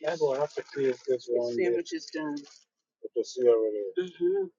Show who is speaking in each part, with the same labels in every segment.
Speaker 1: Y'all gonna have this one day. Sandwich is done. With the cereal. Mm-hmm.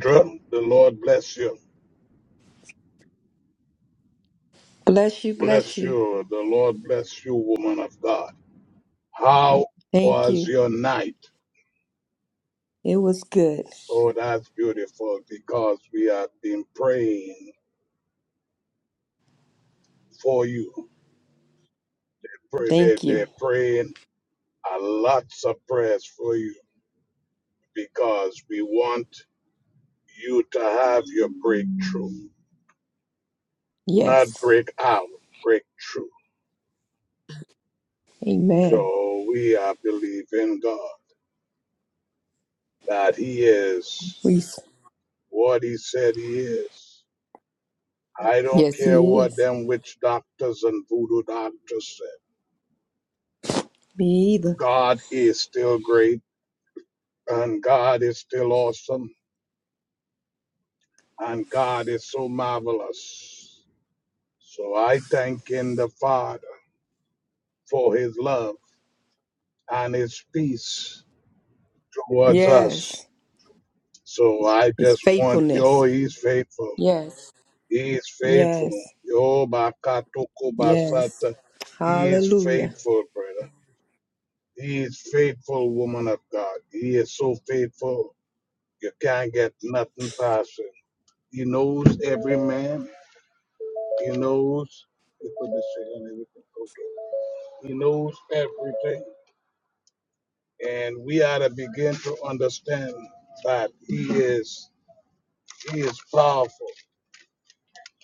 Speaker 1: Drum. The Lord bless you.
Speaker 2: Bless you, bless
Speaker 1: Bless
Speaker 2: you.
Speaker 1: you. The Lord bless you, woman of God. How
Speaker 2: Thank
Speaker 1: was
Speaker 2: you.
Speaker 1: your night?
Speaker 2: It was good.
Speaker 1: Oh, that's beautiful because we have been praying for you. Pray- they-
Speaker 2: Thank you.
Speaker 1: They're praying a lots of prayers for you because we want you to have your breakthrough, not
Speaker 2: Yes.
Speaker 1: break out, breakthrough.
Speaker 2: Amen.
Speaker 1: So we uh, believe in God, that He is
Speaker 2: Reese.
Speaker 1: what He said He is. I don't
Speaker 2: Yes,
Speaker 1: care
Speaker 2: he
Speaker 1: what
Speaker 2: is.
Speaker 1: them witch doctors and voodoo doctors said.
Speaker 2: Me either.
Speaker 1: God is still great, and God is still awesome, and God is so marvelous. So I thank in the Father for His love and His peace towards us.
Speaker 2: Yes.
Speaker 1: So I
Speaker 2: His
Speaker 1: just want,
Speaker 2: faithfulness.
Speaker 1: oh, He's faithful.
Speaker 2: Yes.
Speaker 1: He is faithful.
Speaker 2: Yes.
Speaker 1: Yo bakatoko
Speaker 2: Yes.
Speaker 1: basata. He is
Speaker 2: Hallelujah.
Speaker 1: faithful, brother. He is faithful, woman of God. He is so faithful. You can't get nothing past him. He knows every man. He knows. He put this shit on everything. Okay. He knows everything, and we ought to begin to understand that he is. He is powerful.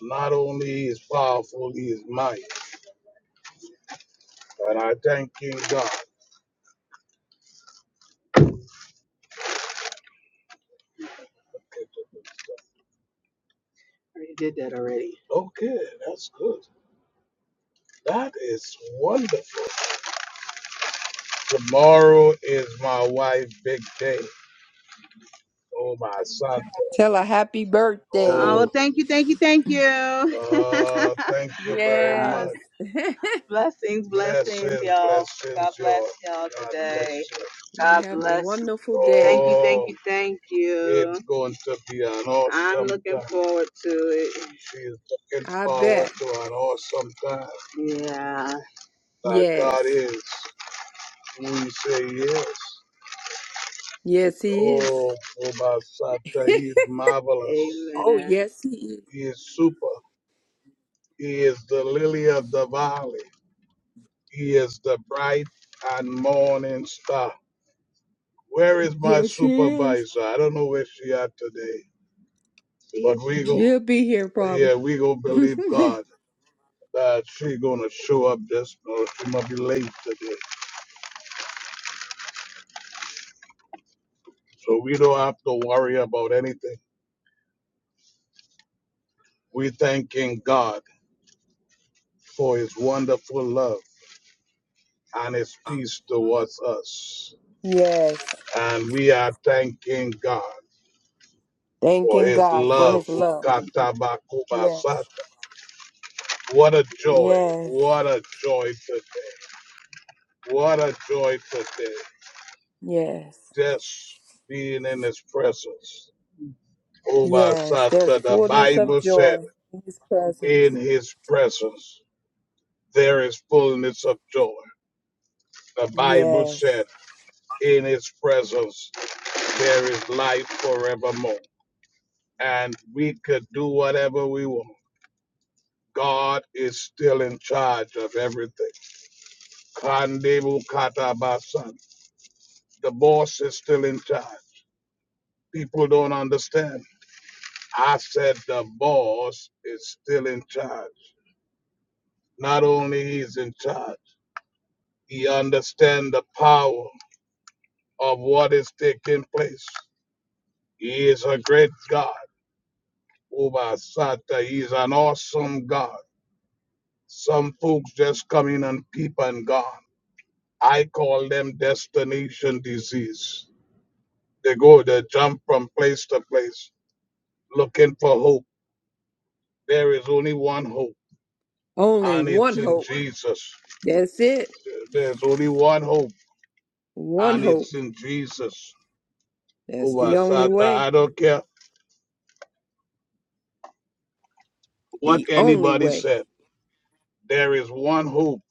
Speaker 1: Not only he is powerful, he is mighty. And I thank you, God. already did that already. Okay, that's good. That is wonderful. Tomorrow is my wife's big day. Oh, my son.
Speaker 2: Tell her happy
Speaker 1: Oh,
Speaker 2: birthday.
Speaker 1: Oh, thank you, thank you, thank you. uh, thank you very Uh,
Speaker 2: Yes.
Speaker 1: much. blessings, blessings, Blessings, y'all. God blessings, bless y'all. y'all God today. bless today. you. God
Speaker 2: You have a
Speaker 1: bless you.
Speaker 2: wonderful
Speaker 1: Thank
Speaker 2: day.
Speaker 1: you, thank Oh, you, thank it's you. going to be an I'm awesome looking time. forward to it. She's looking
Speaker 2: I
Speaker 1: forward
Speaker 2: bet.
Speaker 1: to an awesome time. Yeah. That God
Speaker 2: Yes.
Speaker 1: is we say yes.
Speaker 2: Yes, he is.
Speaker 1: Oh, Obasata, he is marvelous.
Speaker 2: Oh,
Speaker 1: Amen.
Speaker 2: yes, he is.
Speaker 1: He is super. He is the lily of the valley. He is the bright and morning star. Where is my
Speaker 2: Yes, he is.
Speaker 1: supervisor? I don't know where she at today, but we go.
Speaker 2: She'll be here probably.
Speaker 1: Yeah, we go believe God that she gonna show up. Just no, she might be late today, so we don't have to worry about anything. We thanking God. for his wonderful love and his peace towards us.
Speaker 2: Yes.
Speaker 1: And we are thanking God for
Speaker 2: Thanking
Speaker 1: his
Speaker 2: God for
Speaker 1: love.
Speaker 2: his love. Yes.
Speaker 1: What a joy.
Speaker 2: Yes.
Speaker 1: What a joy today. What a joy today.
Speaker 2: Yes.
Speaker 1: Just being in his presence.
Speaker 2: Yes. There's
Speaker 1: Ubasata. The
Speaker 2: fullness of
Speaker 1: Bible said,
Speaker 2: joy in his presence.
Speaker 1: in his presence there is fullness of joy. The Bible
Speaker 2: Yes.
Speaker 1: said, in his presence there is life forevermore. and we could do whatever we want. God is still in charge of everything. Kandebu katabasan. The boss is still in charge. People don't understand. I said the boss is still in charge. Not only he's in charge, he understands the power of what is taking place. He is a great God. Ubasata, he is an awesome God. Some folks just come in and peep and gone. I call them destination disease. They go, they jump from place to place looking for hope. There is only one hope,
Speaker 2: Only
Speaker 1: and it's
Speaker 2: one
Speaker 1: in
Speaker 2: hope.
Speaker 1: Jesus.
Speaker 2: That's it.
Speaker 1: There's only one hope,
Speaker 2: One
Speaker 1: and it's
Speaker 2: hope.
Speaker 1: in Jesus. Who
Speaker 2: That's the
Speaker 1: was
Speaker 2: only way.
Speaker 1: I don't care what
Speaker 2: The only
Speaker 1: anybody
Speaker 2: way.
Speaker 1: said. There is one hope,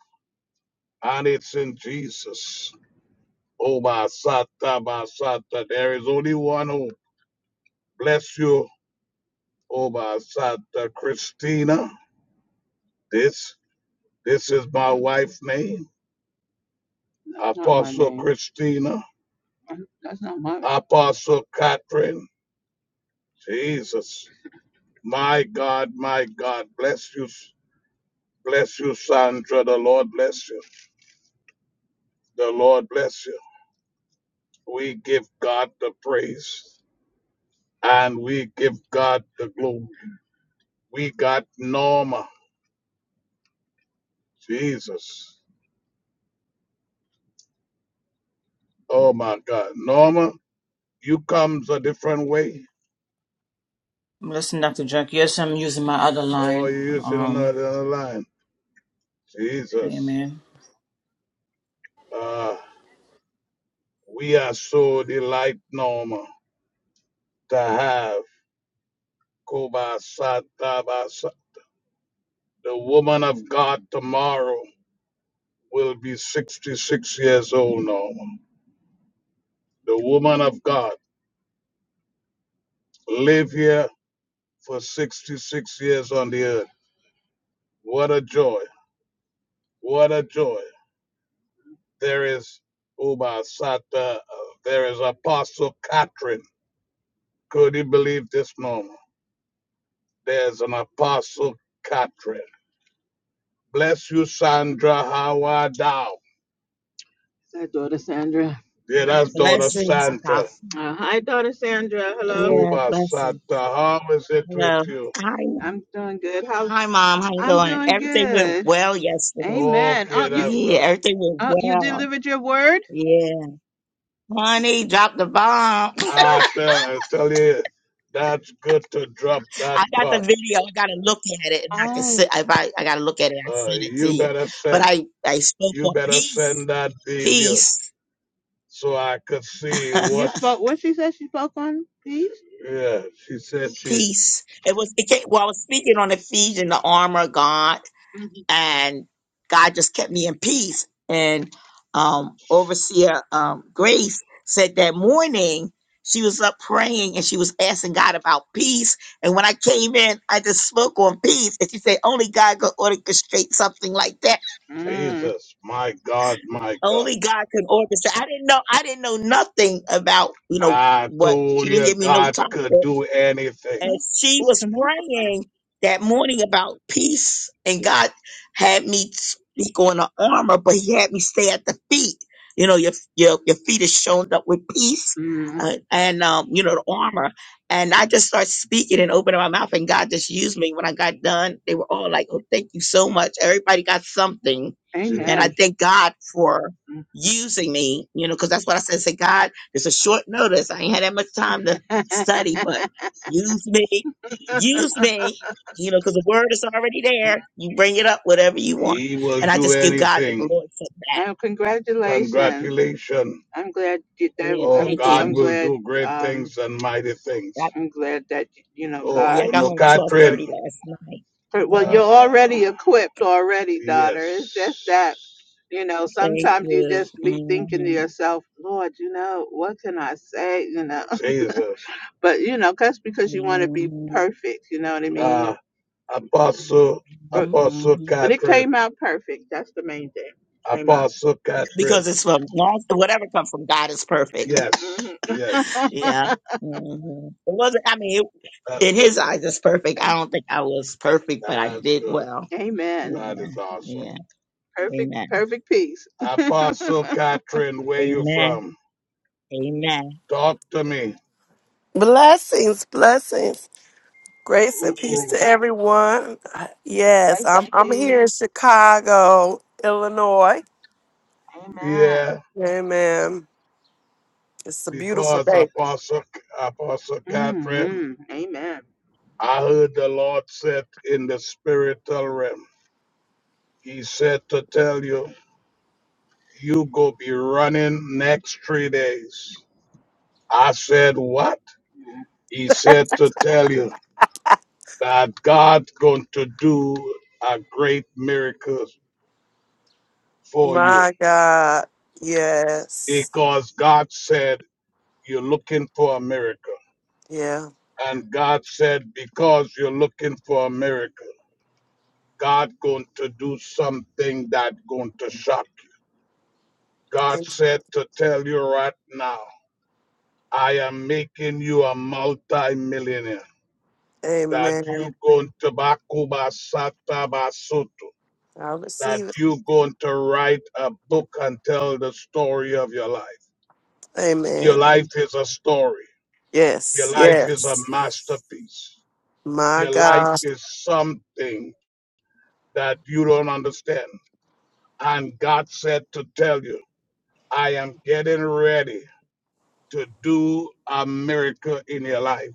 Speaker 1: and it's in Jesus. Oh, Basata, Basata, there is only one hope. Bless you, Oh, Basata, Christina. This This is my wife's name, That's Apostle name. Christina, That's not my. Apostle Catherine. Jesus, my God, my God, bless you, bless you, Sandra. The Lord bless you. The Lord bless you. We give God the praise and we give God the glory. We got Norma. Jesus. Oh my God. Norma, you comes a different way.
Speaker 3: Listen, Dr. Jack. Yes, I'm using my other
Speaker 1: Oh,
Speaker 3: line.
Speaker 1: you're using
Speaker 3: Um,
Speaker 1: another, another line. Jesus.
Speaker 3: amen.
Speaker 1: Uh, We are so delight, Norma, to have Kobasataba. The woman of God tomorrow will be 66 years old, Norma. The woman of God live here for 66 years on the earth. What a joy. What a joy. There is Obasata. uh, There is Apostle Catherine. Could you believe this, Norma? There's an Apostle Catherine. Bless you, Sandra. How are thou? Is that daughter Sandra? Yeah, that's daughter
Speaker 4: Blessings,
Speaker 1: Sandra.
Speaker 4: Apostle.
Speaker 1: Uh, hi, daughter Sandra. Hello.
Speaker 4: Yeah,
Speaker 1: Jehovah Santa,
Speaker 4: blessings.
Speaker 1: how is it with
Speaker 4: Hello.
Speaker 1: you?
Speaker 4: Hi.
Speaker 1: I'm doing good. How?
Speaker 4: Hi, Mom. How you
Speaker 1: I'm
Speaker 4: doing?
Speaker 1: doing
Speaker 4: Everything went
Speaker 1: good.
Speaker 4: well yesterday.
Speaker 1: Amen. Okay, Oh, Okay, you. that's
Speaker 4: Yeah,
Speaker 1: good.
Speaker 4: everything went
Speaker 1: Oh, you
Speaker 4: well.
Speaker 1: delivered your word.
Speaker 4: Yeah. Honey, dropped the bomb.
Speaker 1: I tell, I tell you, that's good to drop
Speaker 4: I
Speaker 1: that
Speaker 4: got the
Speaker 1: bomb.
Speaker 4: video. I gotta look at it and I can
Speaker 1: Oh.
Speaker 4: sit if I, I gotta look at it, I
Speaker 1: Uh,
Speaker 4: send it to
Speaker 1: you
Speaker 4: you.
Speaker 1: better
Speaker 4: But
Speaker 1: send,
Speaker 4: I, I spoke
Speaker 1: you
Speaker 4: on
Speaker 1: better
Speaker 4: peace.
Speaker 1: send that video
Speaker 4: Peace.
Speaker 1: so I could see Uh, you what. spoke. What she said she spoke on, please. Yeah, she said she.
Speaker 4: peace. It was it came, well I was speaking on Ephesians, the armor of God and God just kept me in peace. And um, overseer um, Grace said that morning she was up praying and she was asking God about peace. And when I came in, I just spoke on peace, and she said, "Only God could orchestrate something like that.
Speaker 1: Mm. Jesus, my God, my God.
Speaker 4: Only God can orchestrate." I didn't know. I didn't know nothing about you know
Speaker 1: I
Speaker 4: what. She
Speaker 1: told
Speaker 4: didn't
Speaker 1: you
Speaker 4: give me no
Speaker 1: God
Speaker 4: topic.
Speaker 1: could do anything.
Speaker 4: And
Speaker 1: Mm.
Speaker 4: she was
Speaker 1: Talking about
Speaker 4: praying that morning about peace, and
Speaker 1: Je-
Speaker 4: God had me speak on the armor, but He had me stay at the feet. You know, your your your feet is shown up with peace,
Speaker 1: Mm.
Speaker 4: uh, and um, you know the armor. And I just started speaking and opening my mouth, and God just used me. When I got done, they were all like, "Oh, thank you so much." Everybody got something, and I
Speaker 1: Amen.
Speaker 4: thank God for using me. You know, because that's what I said. I said, "God, it's a short notice. I ain't had that much time to
Speaker 1: Mm.
Speaker 4: study, but." Use me. Use me. You know, because the word is already there. You bring it up whatever you want.
Speaker 1: He will
Speaker 4: And I
Speaker 1: do
Speaker 4: just give God the
Speaker 1: anything.
Speaker 4: glory for
Speaker 1: oh, congratulations. Congratulations. I'm glad you did
Speaker 4: that.
Speaker 1: that.
Speaker 4: Yeah,
Speaker 1: Oh, I'm
Speaker 4: thank
Speaker 1: God I'm
Speaker 4: you.
Speaker 1: will glad do great um things and mighty
Speaker 4: I,
Speaker 1: things. I'm glad that you know
Speaker 4: yeah,
Speaker 1: God Oh,
Speaker 4: I
Speaker 1: God.
Speaker 4: got
Speaker 1: no,
Speaker 4: home
Speaker 1: Catherine.
Speaker 4: 1230 last night.
Speaker 1: For- Well,
Speaker 4: hmm
Speaker 1: you're already equipped already, daughter. It's just that, you know,
Speaker 4: Thank
Speaker 1: sometimes you
Speaker 4: you.
Speaker 1: just be thinking to
Speaker 4: hmm
Speaker 1: yourself, Lord, you know, what can I say? You know, Jesus. but, you know, that's because you want to be perfect. You know what I mean? Uh, Apostle, But,
Speaker 4: hmm
Speaker 1: Apostle
Speaker 4: hmm
Speaker 1: but it Catherine. came out perfect. That's the main thing. Came out. hmm
Speaker 4: Because it's from God- whatever comes from God is perfect. yeah. hmm It wasn't, I mean, it, in his eyes, it's perfect. I don't think I was perfect, but I did well.
Speaker 1: Amen. That is
Speaker 4: Yeah.
Speaker 1: awesome.
Speaker 4: Yeah.
Speaker 1: Perfect,
Speaker 4: Amen.
Speaker 1: perfect peace. Apostle Catherine, where you
Speaker 4: Amen.
Speaker 1: from?
Speaker 4: Amen.
Speaker 1: Talk to me.
Speaker 5: Blessings, blessings, grace and
Speaker 1: Ooh,
Speaker 5: peace to
Speaker 1: ooh.
Speaker 5: everyone. Uh, Yes,
Speaker 1: Grace and
Speaker 5: I'm I'm here in
Speaker 1: peace.
Speaker 5: Chicago, Illinois.
Speaker 1: Amen. Yeah,
Speaker 5: Amen. It's a beautiful
Speaker 1: because
Speaker 5: day.
Speaker 1: Apostle, Apostle Catherine, hmm Amen. I heard the Lord said in the spiritual realm, He said to tell you, you go be running next three days. I said, what? Mm-hmm. He said to tell you that God going to do a great miracle for you
Speaker 5: My God. Yes.
Speaker 1: because God said you're looking for a miracle.
Speaker 5: Yeah.
Speaker 1: And God said, because you're looking for a miracle, God going to do something that going to shock. you. God said to tell you right now, I am making you a multi-millionaire. That
Speaker 5: Amen.
Speaker 1: you going to Bakuba Satabasoto.
Speaker 5: I
Speaker 1: That
Speaker 5: receive it.
Speaker 1: you going to write a book and tell the story of your life. Your
Speaker 5: Amen.
Speaker 1: life is a story. Your
Speaker 5: Yes.
Speaker 1: life is a
Speaker 5: Yes.
Speaker 1: masterpiece.
Speaker 5: My
Speaker 1: Your life
Speaker 5: God.
Speaker 1: is something that you don't understand And God said to tell you, I am getting ready to do a miracle in your life.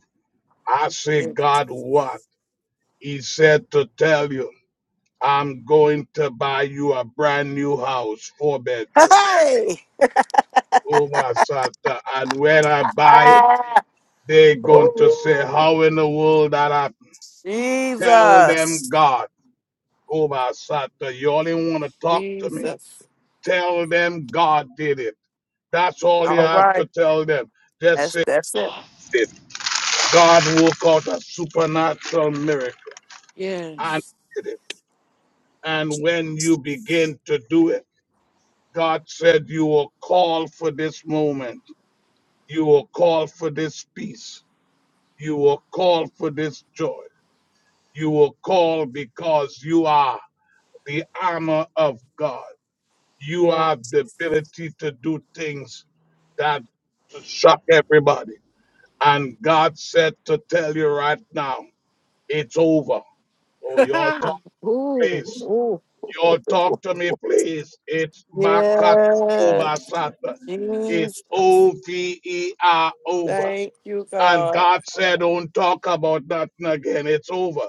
Speaker 1: I say,
Speaker 5: Yes.
Speaker 1: God, what? He said to tell you, I'm going to buy you a brand new house, four bedroom.
Speaker 5: Hey.
Speaker 1: Oh, my Santa. And when I buy it,
Speaker 5: Ah.
Speaker 1: they're going to say,
Speaker 5: Ooh.
Speaker 1: How in the world that I tell them,
Speaker 5: Jesus.
Speaker 1: God? Oh, my Santa, you only want to talk to me?
Speaker 5: Jesus.
Speaker 1: Tell them God did it. That's all you
Speaker 5: All
Speaker 1: have
Speaker 5: right.
Speaker 1: to tell them. Just
Speaker 5: That's
Speaker 1: say,
Speaker 5: that's it.
Speaker 1: did God work out a supernatural miracle and
Speaker 5: Yes.
Speaker 1: he did it. And when you begin to do it, God said, You were called for this moment. You were called for this peace. You were called for this joy. You were called because you are the armor of God. You
Speaker 5: Yeah.
Speaker 1: have the ability to do things that shock everybody. And God said to tell you right now, it's over. Oh, your talk,
Speaker 5: Ooh,
Speaker 1: please.
Speaker 5: ooh.
Speaker 1: Your talk to me, please. It's Makat
Speaker 5: Yes.
Speaker 1: Ubasata. It's
Speaker 5: Jesus.
Speaker 1: O V E R over.
Speaker 5: Thank you,
Speaker 1: And
Speaker 5: God.
Speaker 1: God said, don't talk about nothing again. It's over.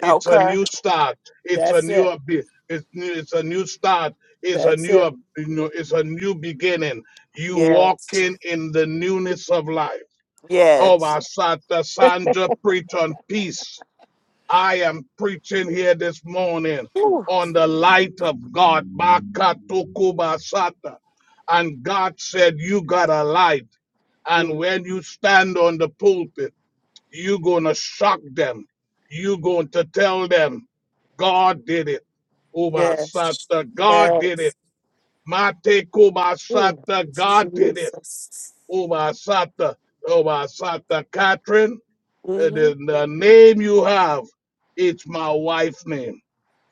Speaker 1: It's a
Speaker 5: Okay.
Speaker 1: new start. It's a
Speaker 5: That's
Speaker 1: new
Speaker 5: it.
Speaker 1: abi- it's new, it's a new start. It's a
Speaker 5: That's
Speaker 1: new
Speaker 5: it.
Speaker 1: ab- you know, it's a new beginning. You
Speaker 5: Yes.
Speaker 1: walking in the newness of life.
Speaker 5: Yes.
Speaker 1: Over Santa Sandra, preach on peace. I am preaching here this morning
Speaker 5: Ooh.
Speaker 1: on the light of God. Bakatukuba Sata. And God said, You got a light. And
Speaker 5: Mm.
Speaker 1: when you stand on the pulpit, you're going to shock them. You're going to tell them, God did it. Uba
Speaker 5: Yes.
Speaker 1: Sata, God did it.
Speaker 5: Yes.
Speaker 1: Mate Kuba
Speaker 5: Mm.
Speaker 1: Sata, God did it.
Speaker 5: Jesus.
Speaker 1: Uba Sata, Uba Sata, Catherine. Uh,
Speaker 5: hmm
Speaker 1: the, the name you have, it's my wife's name,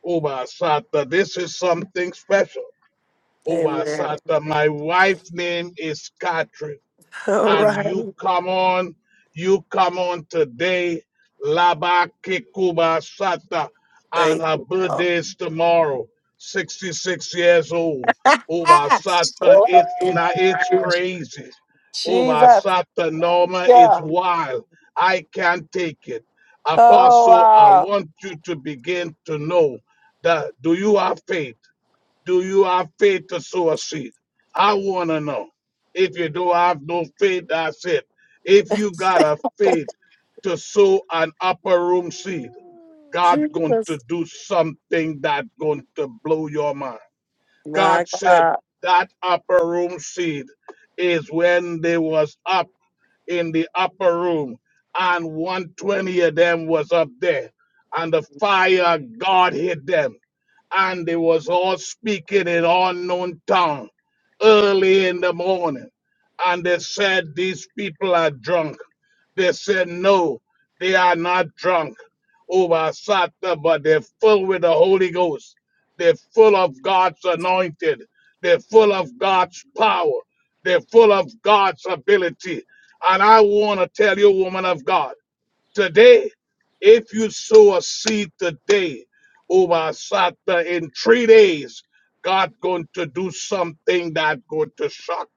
Speaker 1: Obasata. This is something special,
Speaker 5: Amen.
Speaker 1: Obasata. My wife's name is Catherine
Speaker 5: All
Speaker 1: and you
Speaker 5: right.
Speaker 1: come on, you come on today, Laba Kikuba Sata, and
Speaker 5: Thank
Speaker 1: her
Speaker 5: you, God.
Speaker 1: birthday is tomorrow, 66 years old. Uba
Speaker 5: Ah!
Speaker 1: Sata,
Speaker 5: Oh,
Speaker 1: it's now it's crazy.
Speaker 5: Jesus.
Speaker 1: Uba Sata
Speaker 5: Thank
Speaker 1: Norma, it's
Speaker 5: you.
Speaker 1: wild. I can't take it.
Speaker 5: Oh,
Speaker 1: Apostle, I
Speaker 5: wow.
Speaker 1: want you to begin to know that do you have faith? Do you have faith to sow a seed? I want to know. If you don't have no faith, that's it. If you got a faith to sow an upper room seed, God's going
Speaker 5: Jesus.
Speaker 1: to do something that's going to blow your mind.
Speaker 5: My
Speaker 1: God said
Speaker 5: God.
Speaker 1: that upper room seed is when they was up in the upper room, and 120 of them was up there, and the fire of God hit them, and they was all speaking in unknown tongue early in the morning, and they said these people are drunk. They said no, they are not drunk over Sata, but they're full with the Holy Ghost. They're full of God's anointed. They're full of God's power. They're full of God's ability and I want to tell you, woman of God, today, if you sow a seed today over Sata in three days, God going to do something that going to shock.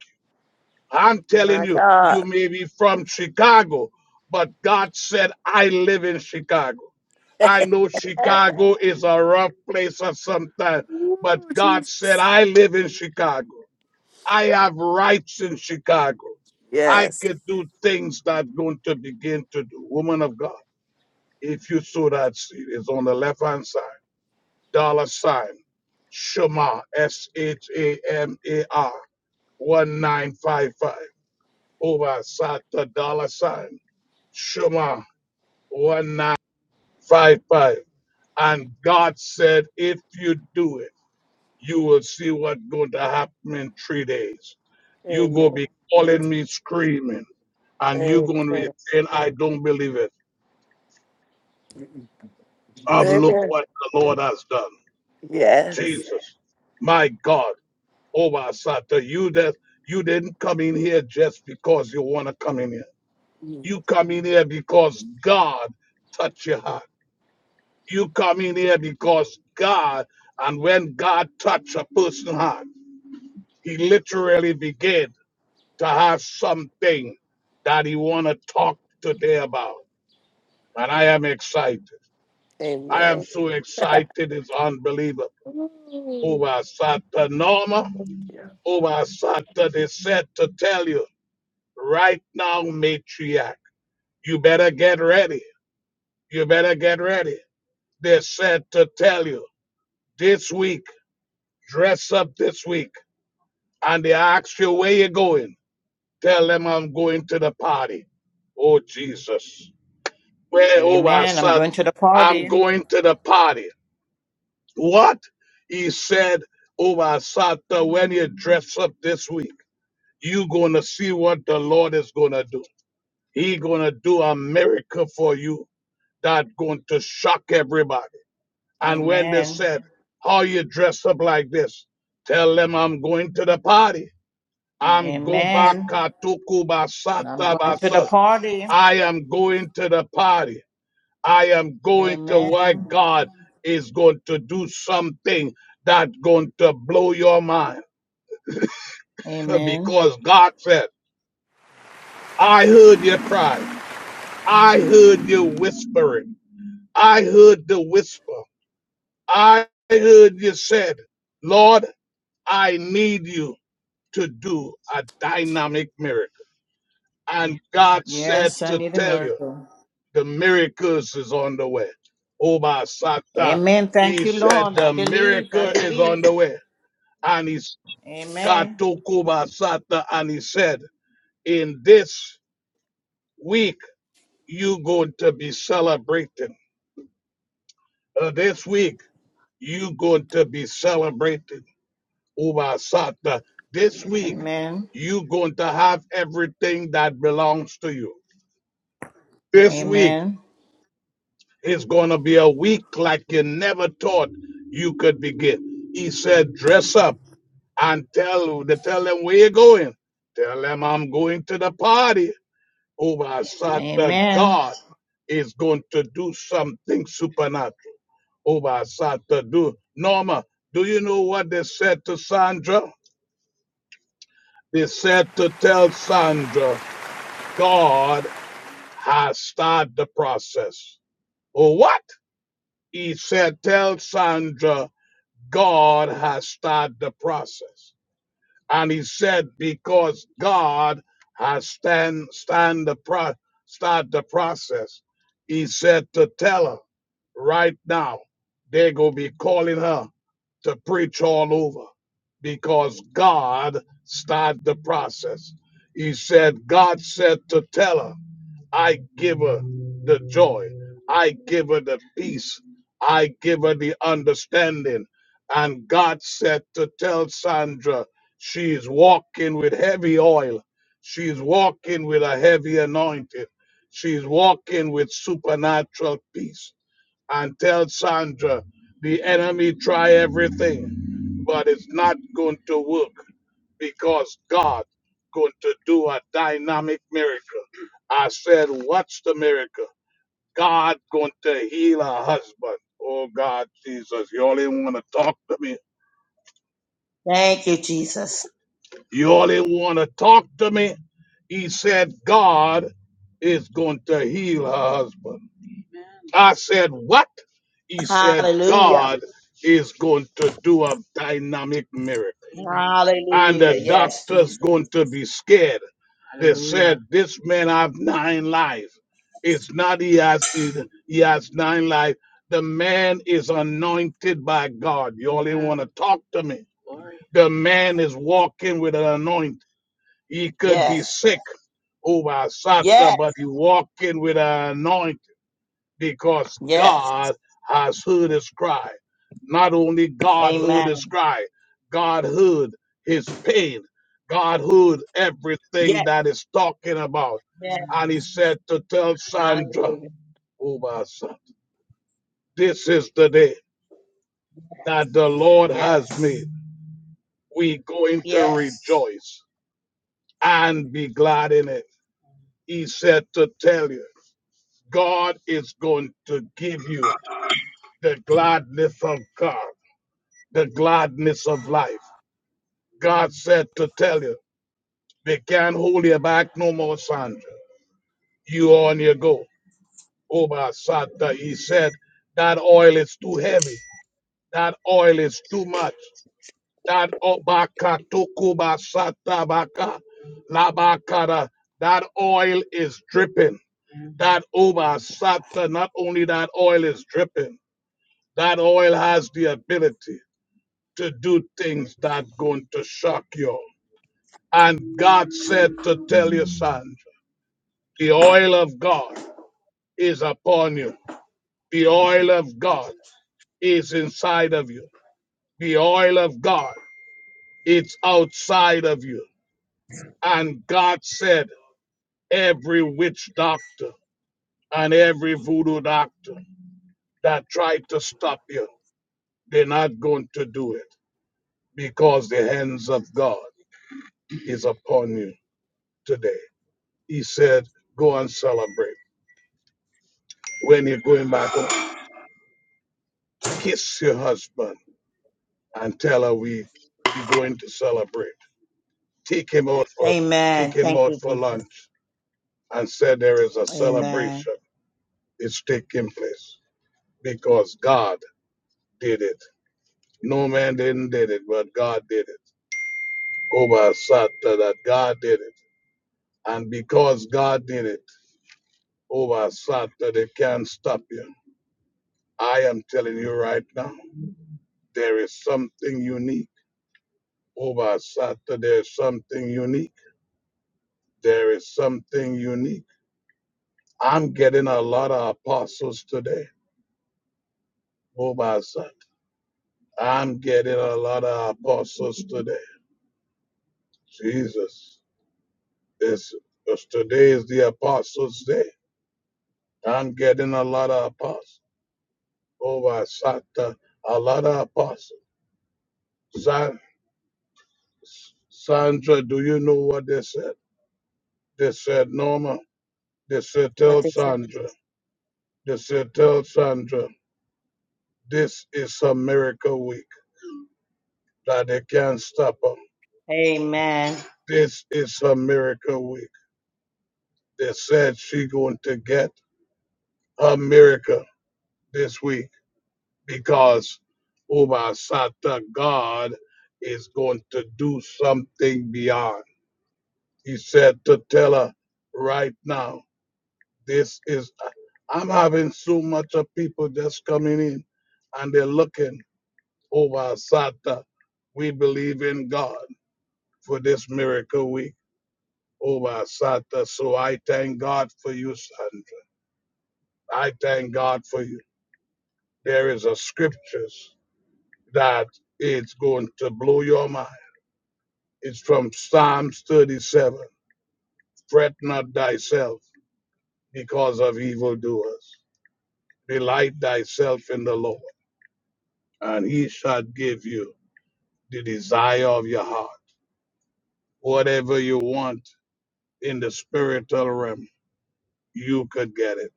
Speaker 1: you. I'm telling
Speaker 5: My
Speaker 1: you, you
Speaker 5: God.
Speaker 1: may be from Chicago, but God said, I live in Chicago. I know Chicago is a rough place at some time, but
Speaker 5: Ooh,
Speaker 1: God said,
Speaker 5: Jesus.
Speaker 1: I live in Chicago. I have rights in Chicago. I
Speaker 5: Yes.
Speaker 1: could do things that I'm going to begin to do. Woman of God, if you sow that seed, it's on the left hand side, dollar sign, Shema, S H A M A R, 1955, over Sata, dollar sign, Shema, 1955. And God said, if you do it, you will see what's going to happen in three days. You go
Speaker 5: Amen.
Speaker 1: be calling me screaming, and you going to be
Speaker 5: Amen.
Speaker 1: saying, I don't believe it. of look
Speaker 5: Amen.
Speaker 1: what the Lord has done.
Speaker 5: Yes.
Speaker 1: Jesus, my God, oh my Sata, you that you didn't come in here just because you want to come in here.
Speaker 5: Mm,
Speaker 1: You come in here because God touched your heart. You come in here because God, and when God touched a person's heart, he literally began to have something that he want to talk today about. And I am excited. I am
Speaker 5: Amen.
Speaker 1: so excited, it's unbelievable. Oh
Speaker 5: Ooh.
Speaker 1: my Sata, Norma, Oh, my Santa, they said to tell you right now, matriarch, you better get ready. You better get ready. They said to tell you this week, dress up this week. And they ask you where you are going. Tell them I'm going to the party. Oh, Jesus. Where, oh, my
Speaker 3: Amen. I'm
Speaker 1: son,
Speaker 3: going to the
Speaker 1: I'm
Speaker 3: party.
Speaker 1: going to the party. What? He said, oh, my Santa, when you dress up this week, you going to see what the Lord is going to do. He gonna do a miracle for you that going to shock everybody. And when they
Speaker 3: Amen.
Speaker 1: said, "How you dress up like this?" Tell them I'm going to the party. I'm going back
Speaker 3: Amen.
Speaker 1: katuku
Speaker 3: I'm
Speaker 1: basata
Speaker 3: going to the
Speaker 1: basa.
Speaker 3: party.
Speaker 1: I am going to the party. I am going to where
Speaker 3: Amen.
Speaker 1: God is going to do something that's going to blow your mind.
Speaker 3: Amen.
Speaker 1: because God said, I heard your cry. I heard you whispering. I heard the whisper. I heard you said, Lord, I need you to do a dynamic miracle. And God said
Speaker 3: Yes, I
Speaker 1: to
Speaker 3: need a
Speaker 1: tell you,
Speaker 3: miracle.
Speaker 1: the miracles is on the way. Obasata,
Speaker 3: Amen. Thank
Speaker 1: he
Speaker 3: you,
Speaker 1: said
Speaker 3: Lord. I
Speaker 1: the
Speaker 3: believe. I
Speaker 1: miracle is
Speaker 3: believe.
Speaker 1: on the way. And he God
Speaker 3: Amen.
Speaker 1: took Oba Sata and he said, in this week, you going to be celebrating. Uh, this week, you going to be celebrating Over Ubasata. This week,
Speaker 3: Amen.
Speaker 1: you're going to have everything that belongs to you. This week
Speaker 3: Amen.
Speaker 1: is going to be a week like you never thought you could begin. He said, dress up and tell, to tell them where you're going. Tell them I'm going to the party. Over Ubasata,
Speaker 3: Amen.
Speaker 1: God is going to do something supernatural. Over Ubasata, do. Norma, do you know what they said to Sandra? They said to tell Sandra God has started the process. What? He said, Tell Sandra, God has started the process. And he said, Because God has stand, stand the pro, start the process, he said to tell her right now, they're going to be calling her to preach all over because God started the process. He said, God said to tell her. I give her the joy. I give her the peace. I give her the understanding. And God said to tell Sandra, she's walking with heavy oil. She's walking with a heavy anointing. She's walking with supernatural peace. And tell Sandra, the enemy try everything, but it's not going to work because God going to do a dynamic miracle. I said, what's the miracle? God going to heal a husband. Oh God, Jesus, you only want to talk to me.
Speaker 4: Thank you, Jesus.
Speaker 1: You only want to talk to me. He said, God is going to heal her husband. I said, What? He said,
Speaker 4: Hallelujah.
Speaker 1: God is going to do a dynamic miracle. And
Speaker 4: Hallelujah.
Speaker 1: the
Speaker 4: Yes,
Speaker 1: doctor's
Speaker 4: Jesus.
Speaker 1: going to be scared. They said, This man have nine lives. It's not he has he has nine lives. The man is anointed by God. You only want to talk to me. The man is walking with an anointing. He could be
Speaker 4: Yes.
Speaker 1: sick over a Sata,
Speaker 4: Yes.
Speaker 1: but he walking with an anointing because
Speaker 4: Yes.
Speaker 1: God has heard his cry. Not only God heard his
Speaker 4: Amen.
Speaker 1: cry, God heard his pain. God heard everything
Speaker 4: Yes.
Speaker 1: that is talking about.
Speaker 4: Yes.
Speaker 1: And he said to tell Sandra,
Speaker 4: Hallelujah.
Speaker 1: oh my son, this is the day that the Lord has
Speaker 4: Yes.
Speaker 1: made. We're going to
Speaker 4: Yes.
Speaker 1: rejoice and be glad in it. He said to tell you, God is going to give you the gladness of God. the gladness of life. God said to tell you, they can't hold you back no more, Sandra. You on your go. Oba Sata, he said, that oil is too heavy. That oil is too much. That obaka tokuba sata baka labakara. That oil is dripping. That oba sata, not only that oil is dripping, that oil has the ability to do things that going to shock you. all And God said to tell you, Sandra, the oil of God is upon you. The oil of God is inside of you. The oil of God its outside of you. And God said, every witch doctor and every voodoo doctor that tried to stop you, they're not going to do it because the hands of God is upon you today. He said, go and celebrate. When you're going back home, kiss your husband and tell her we we going to celebrate. Take him out for
Speaker 4: Amen.
Speaker 1: take him
Speaker 4: Thank
Speaker 1: out
Speaker 4: you,
Speaker 1: for
Speaker 4: Jesus.
Speaker 1: lunch and say there is a
Speaker 4: Amen.
Speaker 1: celebration. It's taking place because God did it. No man didn't did it, but God did it. Over Saturday, that God did it, and because God did it, over Saturday they can't stop you. I am telling you right now, there is something unique. Over Saturday, there's something unique. There is something unique I'm getting a lot of apostles today. Mobile son. I'm getting a lot of apostles today. Jesus. It's, it's- today is the apostles' day. I'm getting a lot of apostles. Mobile Santa. A lot of apostles. San, Sandra, do you know what they said? They said, Norma. They said,
Speaker 4: What
Speaker 1: tell
Speaker 4: they say.
Speaker 1: Sandra. They said, tell Sandra. This is a miracle week that they can't stop them.
Speaker 4: Amen.
Speaker 1: This is a miracle week that said she going to get her miracle this week because Uba Sata God is going to do something beyond. He said to tell her right now, this is I'm having so much of people just coming in and they're looking over Sata. We believe in God for this miracle week over Sata. So I thank God for you, Sandra. I thank God for you. There is a scriptures that it's going to blow your mind. It's from Psalms 37. Fret not thyself because of evildoers. Delight thyself in the Lord, and he shall give you the desire of your heart. Whatever you want in the spiritual realm, you could get it.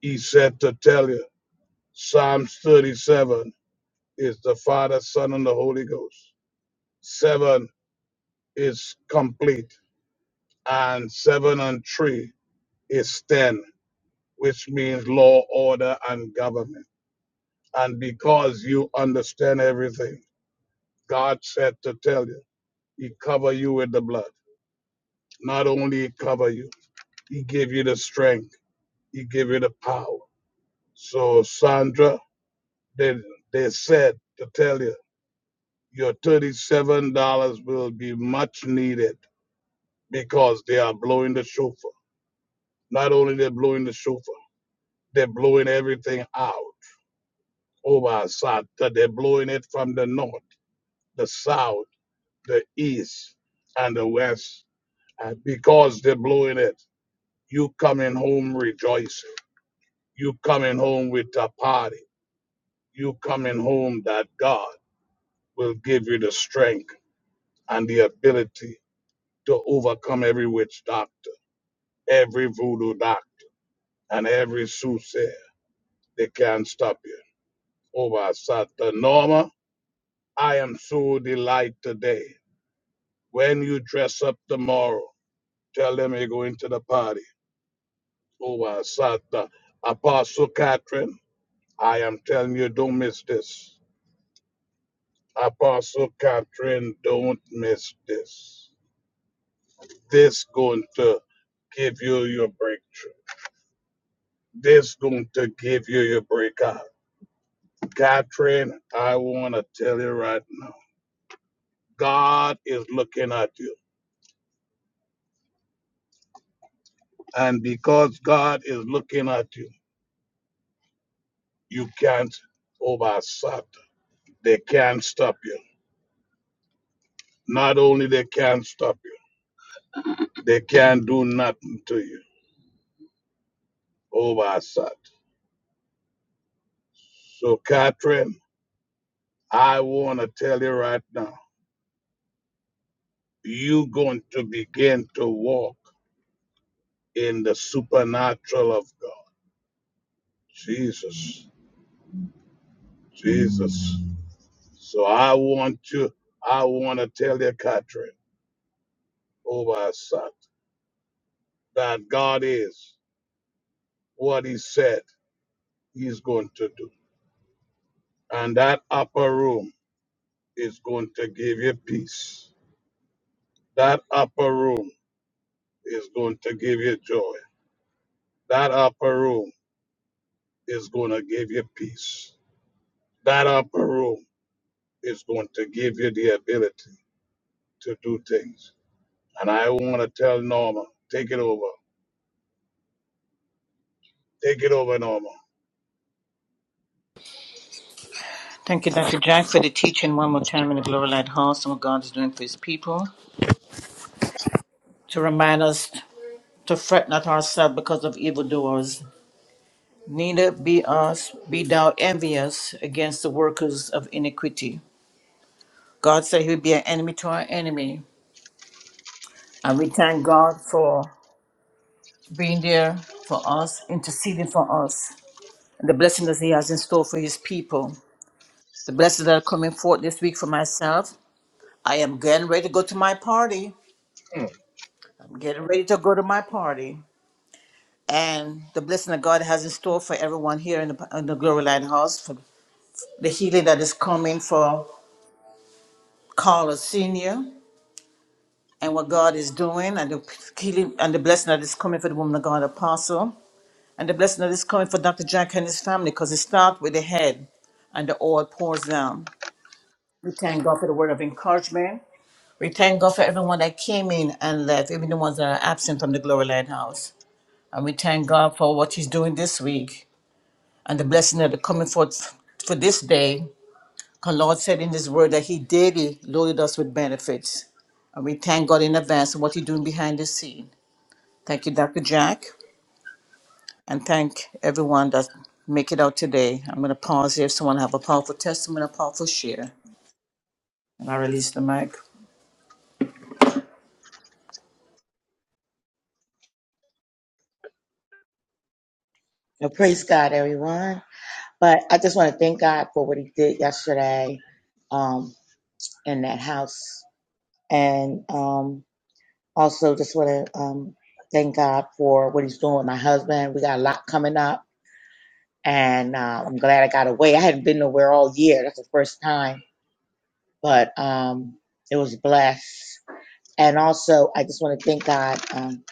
Speaker 1: He said to tell you, Psalms 37 is the Father, Son, and the Holy Ghost. Seven is complete. and seven and three is ten, which means law, order, and government. And because you understand everything, God said to tell you, He cover you with the blood. Not only He cover you, He give you the strength, He give you the power. So Sandra, they they said to tell you, your thirty-seven dollars will be much needed because they are blowing the shofar. Not only they're blowing the shofar, they're blowing everything out over Sata. They're blowing it from the north, the south, the east, and the west. And because they're blowing it, you coming home rejoicing. You coming home with a party. You coming home that God will give you the strength and the ability to overcome every witch doctor, every voodoo doctor, and every soothsayer. They can't stop you. Over Sata. Norma, I am so delighted today when you dress up tomorrow. Tell them you are going to the party. Oh, uh, Sata. Apostle Catherine, I am telling you, don't miss this. Apostle Catherine, don't miss this. This going to give you your breakthrough. This going to give you your breakout. Catherine, I want to tell you right now, God is looking at you. And because God is looking at you, you can't over Satan. They can't stop you. Not only they can't stop you They can't do nothing to you over Assad. So, Catherine, I want to tell you right now, you're going to begin to walk in the supernatural of God. Jesus, Jesus. So I want you, I want to tell you, Catherine, over Assad, that God is what he said he's going to do. And that upper room is going to give you peace. That upper room is going to give you joy. That upper room is going to give you peace. That upper room is going to give you the ability to do things. And I want to tell Norma, take it over. Take it over, Norma.
Speaker 3: Thank you, Dr. Jack, for the teaching one more time in the Glory Light House and what God is doing for his people. To remind us to fret not ourselves because of evildoers, neither be us be thou envious against the workers of iniquity. God said he would be an enemy to our enemy. And we thank God for being there for us, interceding for us, and the blessings that he has in store for his people. The blessings that are coming forth this week for myself. I am getting ready to go to my party.
Speaker 1: Mm.
Speaker 3: I'm getting ready to go to my party. And the blessing that God has in store for everyone here in the, in the Glory Lighthouse, for the healing that is coming for Carla Senior and what God is doing and the healing and the blessing that is coming for the woman of God apostle and the blessing that is coming for Dr. Jack and his family because it starts with the head and the oil pours down. We thank God for the word of encouragement. We thank God for everyone that came in and left, even the ones that are absent from the Glory Lighthouse. And we thank God for what He's doing this week and the blessing that are coming forth for this day Our Lord said in His word that He daily loaded us with benefits. And we thank God in advance for what He's doing behind the scene. Thank you, Dr. Jack, and thank everyone that make it out today. I'm going to pause here if someone have a powerful testimony, a powerful share, and I release the mic.
Speaker 4: Well, praise God, everyone. But I just want to thank God for what He did yesterday um, in that house. And um. Also, just want to um, thank God for what He's doing with my husband. We got a lot coming up, and uh, I'm glad I got away. I hadn't been nowhere all year. That's the first time, but um, it was blessed. And also, I just want to thank God um,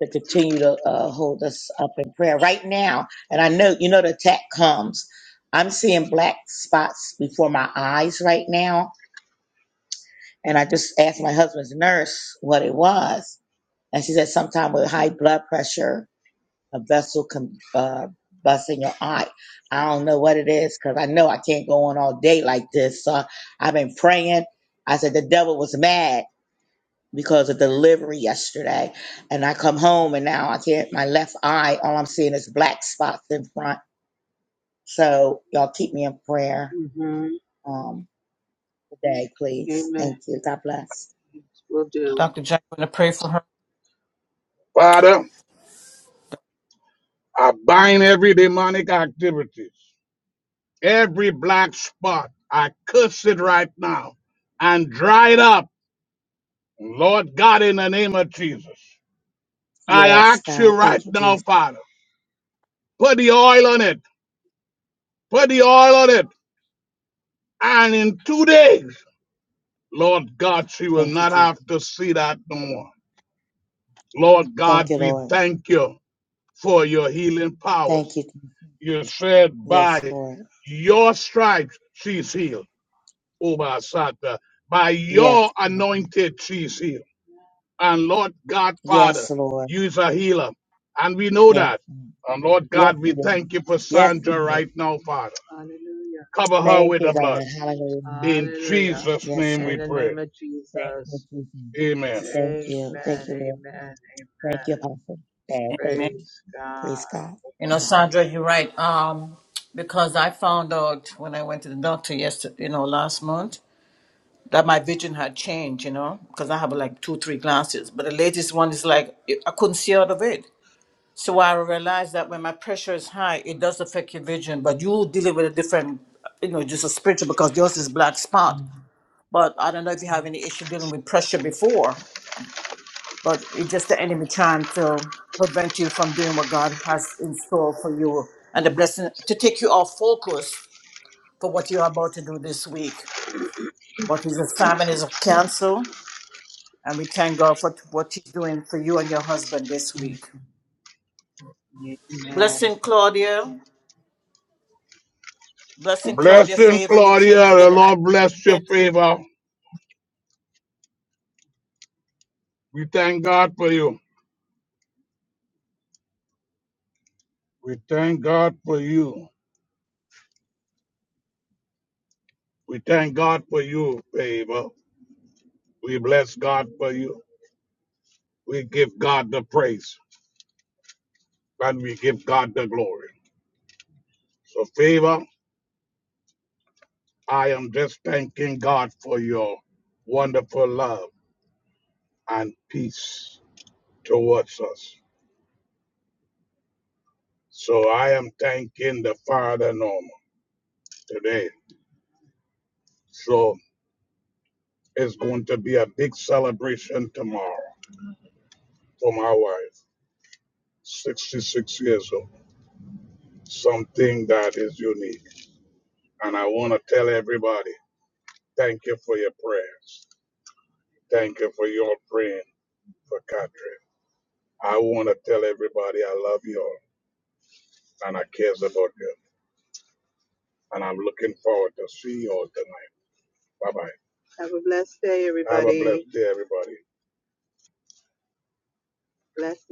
Speaker 4: to continue to uh, hold us up in prayer right now. And I know, you know, the attack comes. I'm seeing black spots before my eyes right now. And I just asked my husband's nurse what it was. And she said, sometime with high blood pressure a vessel com- uh, bus in your eye. I don't know what it is because I know I can't go on all day like this. So I've been praying. I said the devil was mad because of delivery yesterday, and I come home and now I can't. My left eye, all I'm seeing is black spots in front. So y'all keep me in prayer
Speaker 1: hmm
Speaker 4: um, today, please.
Speaker 1: Amen.
Speaker 4: Thank you. God bless.
Speaker 1: Will do.
Speaker 3: Dr. Jack, I'm going to pray for her.
Speaker 1: Father, I bind every demonic activities, every black spot. I curse it right now and dry it up. Lord God, in the name of Jesus, I
Speaker 4: Yes,
Speaker 1: ask you
Speaker 4: God.
Speaker 1: right
Speaker 4: Thank you,
Speaker 1: now,
Speaker 4: Jesus.
Speaker 1: Father. Put the oil on it. Put the oil on it. And in two days, Lord God, she will
Speaker 4: Thank you,
Speaker 1: not
Speaker 4: Jesus.
Speaker 1: have to see that no more. Lord
Speaker 4: Thank
Speaker 1: God,
Speaker 4: you,
Speaker 1: we
Speaker 4: Lord.
Speaker 1: thank you for your healing
Speaker 4: Thank
Speaker 1: powers.
Speaker 4: you.
Speaker 1: You said
Speaker 4: Yes,
Speaker 1: by
Speaker 4: Lord.
Speaker 1: your stripes she's healed. Oba Sata. By
Speaker 4: Yes,
Speaker 1: your
Speaker 4: Lord.
Speaker 1: anointed she's healed. And Lord God,
Speaker 4: Yes,
Speaker 1: Father,
Speaker 4: Lord.
Speaker 1: you is a healer. And we know
Speaker 4: Yes,
Speaker 1: that.
Speaker 4: Lord.
Speaker 1: And Lord
Speaker 4: yes,
Speaker 1: God,
Speaker 4: He
Speaker 1: we
Speaker 4: is.
Speaker 1: thank you for
Speaker 4: Yes, He
Speaker 1: Sandra
Speaker 4: is.
Speaker 1: right now, Father. Cover her
Speaker 4: Thank
Speaker 1: with
Speaker 4: you,
Speaker 1: the blood.
Speaker 4: God. Hallelujah.
Speaker 1: In Hallelujah. Jesus'
Speaker 4: Yes,
Speaker 1: name In we
Speaker 4: Lord.
Speaker 1: the pray. name of
Speaker 4: Thank you,
Speaker 1: Jesus. Amen.
Speaker 4: Jesus. Thank
Speaker 1: Amen.
Speaker 4: you. Thank
Speaker 1: Amen.
Speaker 4: you, Lord.
Speaker 1: Amen.
Speaker 4: Thank you, Apostle. God, thank
Speaker 3: Amen.
Speaker 4: you.
Speaker 1: Praise God.
Speaker 4: Praise God.
Speaker 3: You know, Sandra, you're right. Um, because I found out when I went to the doctor yesterday, you know, last month, that my vision had changed, you know, because I have like two, three glasses. But the latest one is like it- I couldn't see out of it. So I realized that when my pressure is high, it does affect your vision. But you deal with a different, you know, just a spiritual because yours is black spot. But I don't know if you have any issue dealing with pressure before, but it's just the enemy trying to prevent you from doing what God has in store for you and the blessing to take you off focus for what you're about to do this week. What is assignment is canceled And we thank God for t- what He's doing for you and your husband this week.
Speaker 1: Amen.
Speaker 3: Blessing Claudia. Blessing Claudia
Speaker 1: Blessing,
Speaker 3: favor. You came
Speaker 1: Claudia.
Speaker 3: to
Speaker 1: The
Speaker 3: get
Speaker 1: Lord bless your
Speaker 3: it.
Speaker 1: favor. We thank God for you. We thank God for you. We thank God for you, favor. We bless God for you. We give God the praise and we give God the glory. So, favor. I am just thanking God for your wonderful love and peace towards us. So I am thanking the Father Norman today. So it's going to be a big celebration tomorrow for my wife, 66 years old, something that is unique. And I want to tell everybody, thank you for your prayers. Thank you for your praying for Catherine. I want to tell everybody I love you all and I cares about you. and I'm looking forward to see you all tonight. Bye bye. Have a blessed day, Have a everybody. blessed day, everybody. Blessings.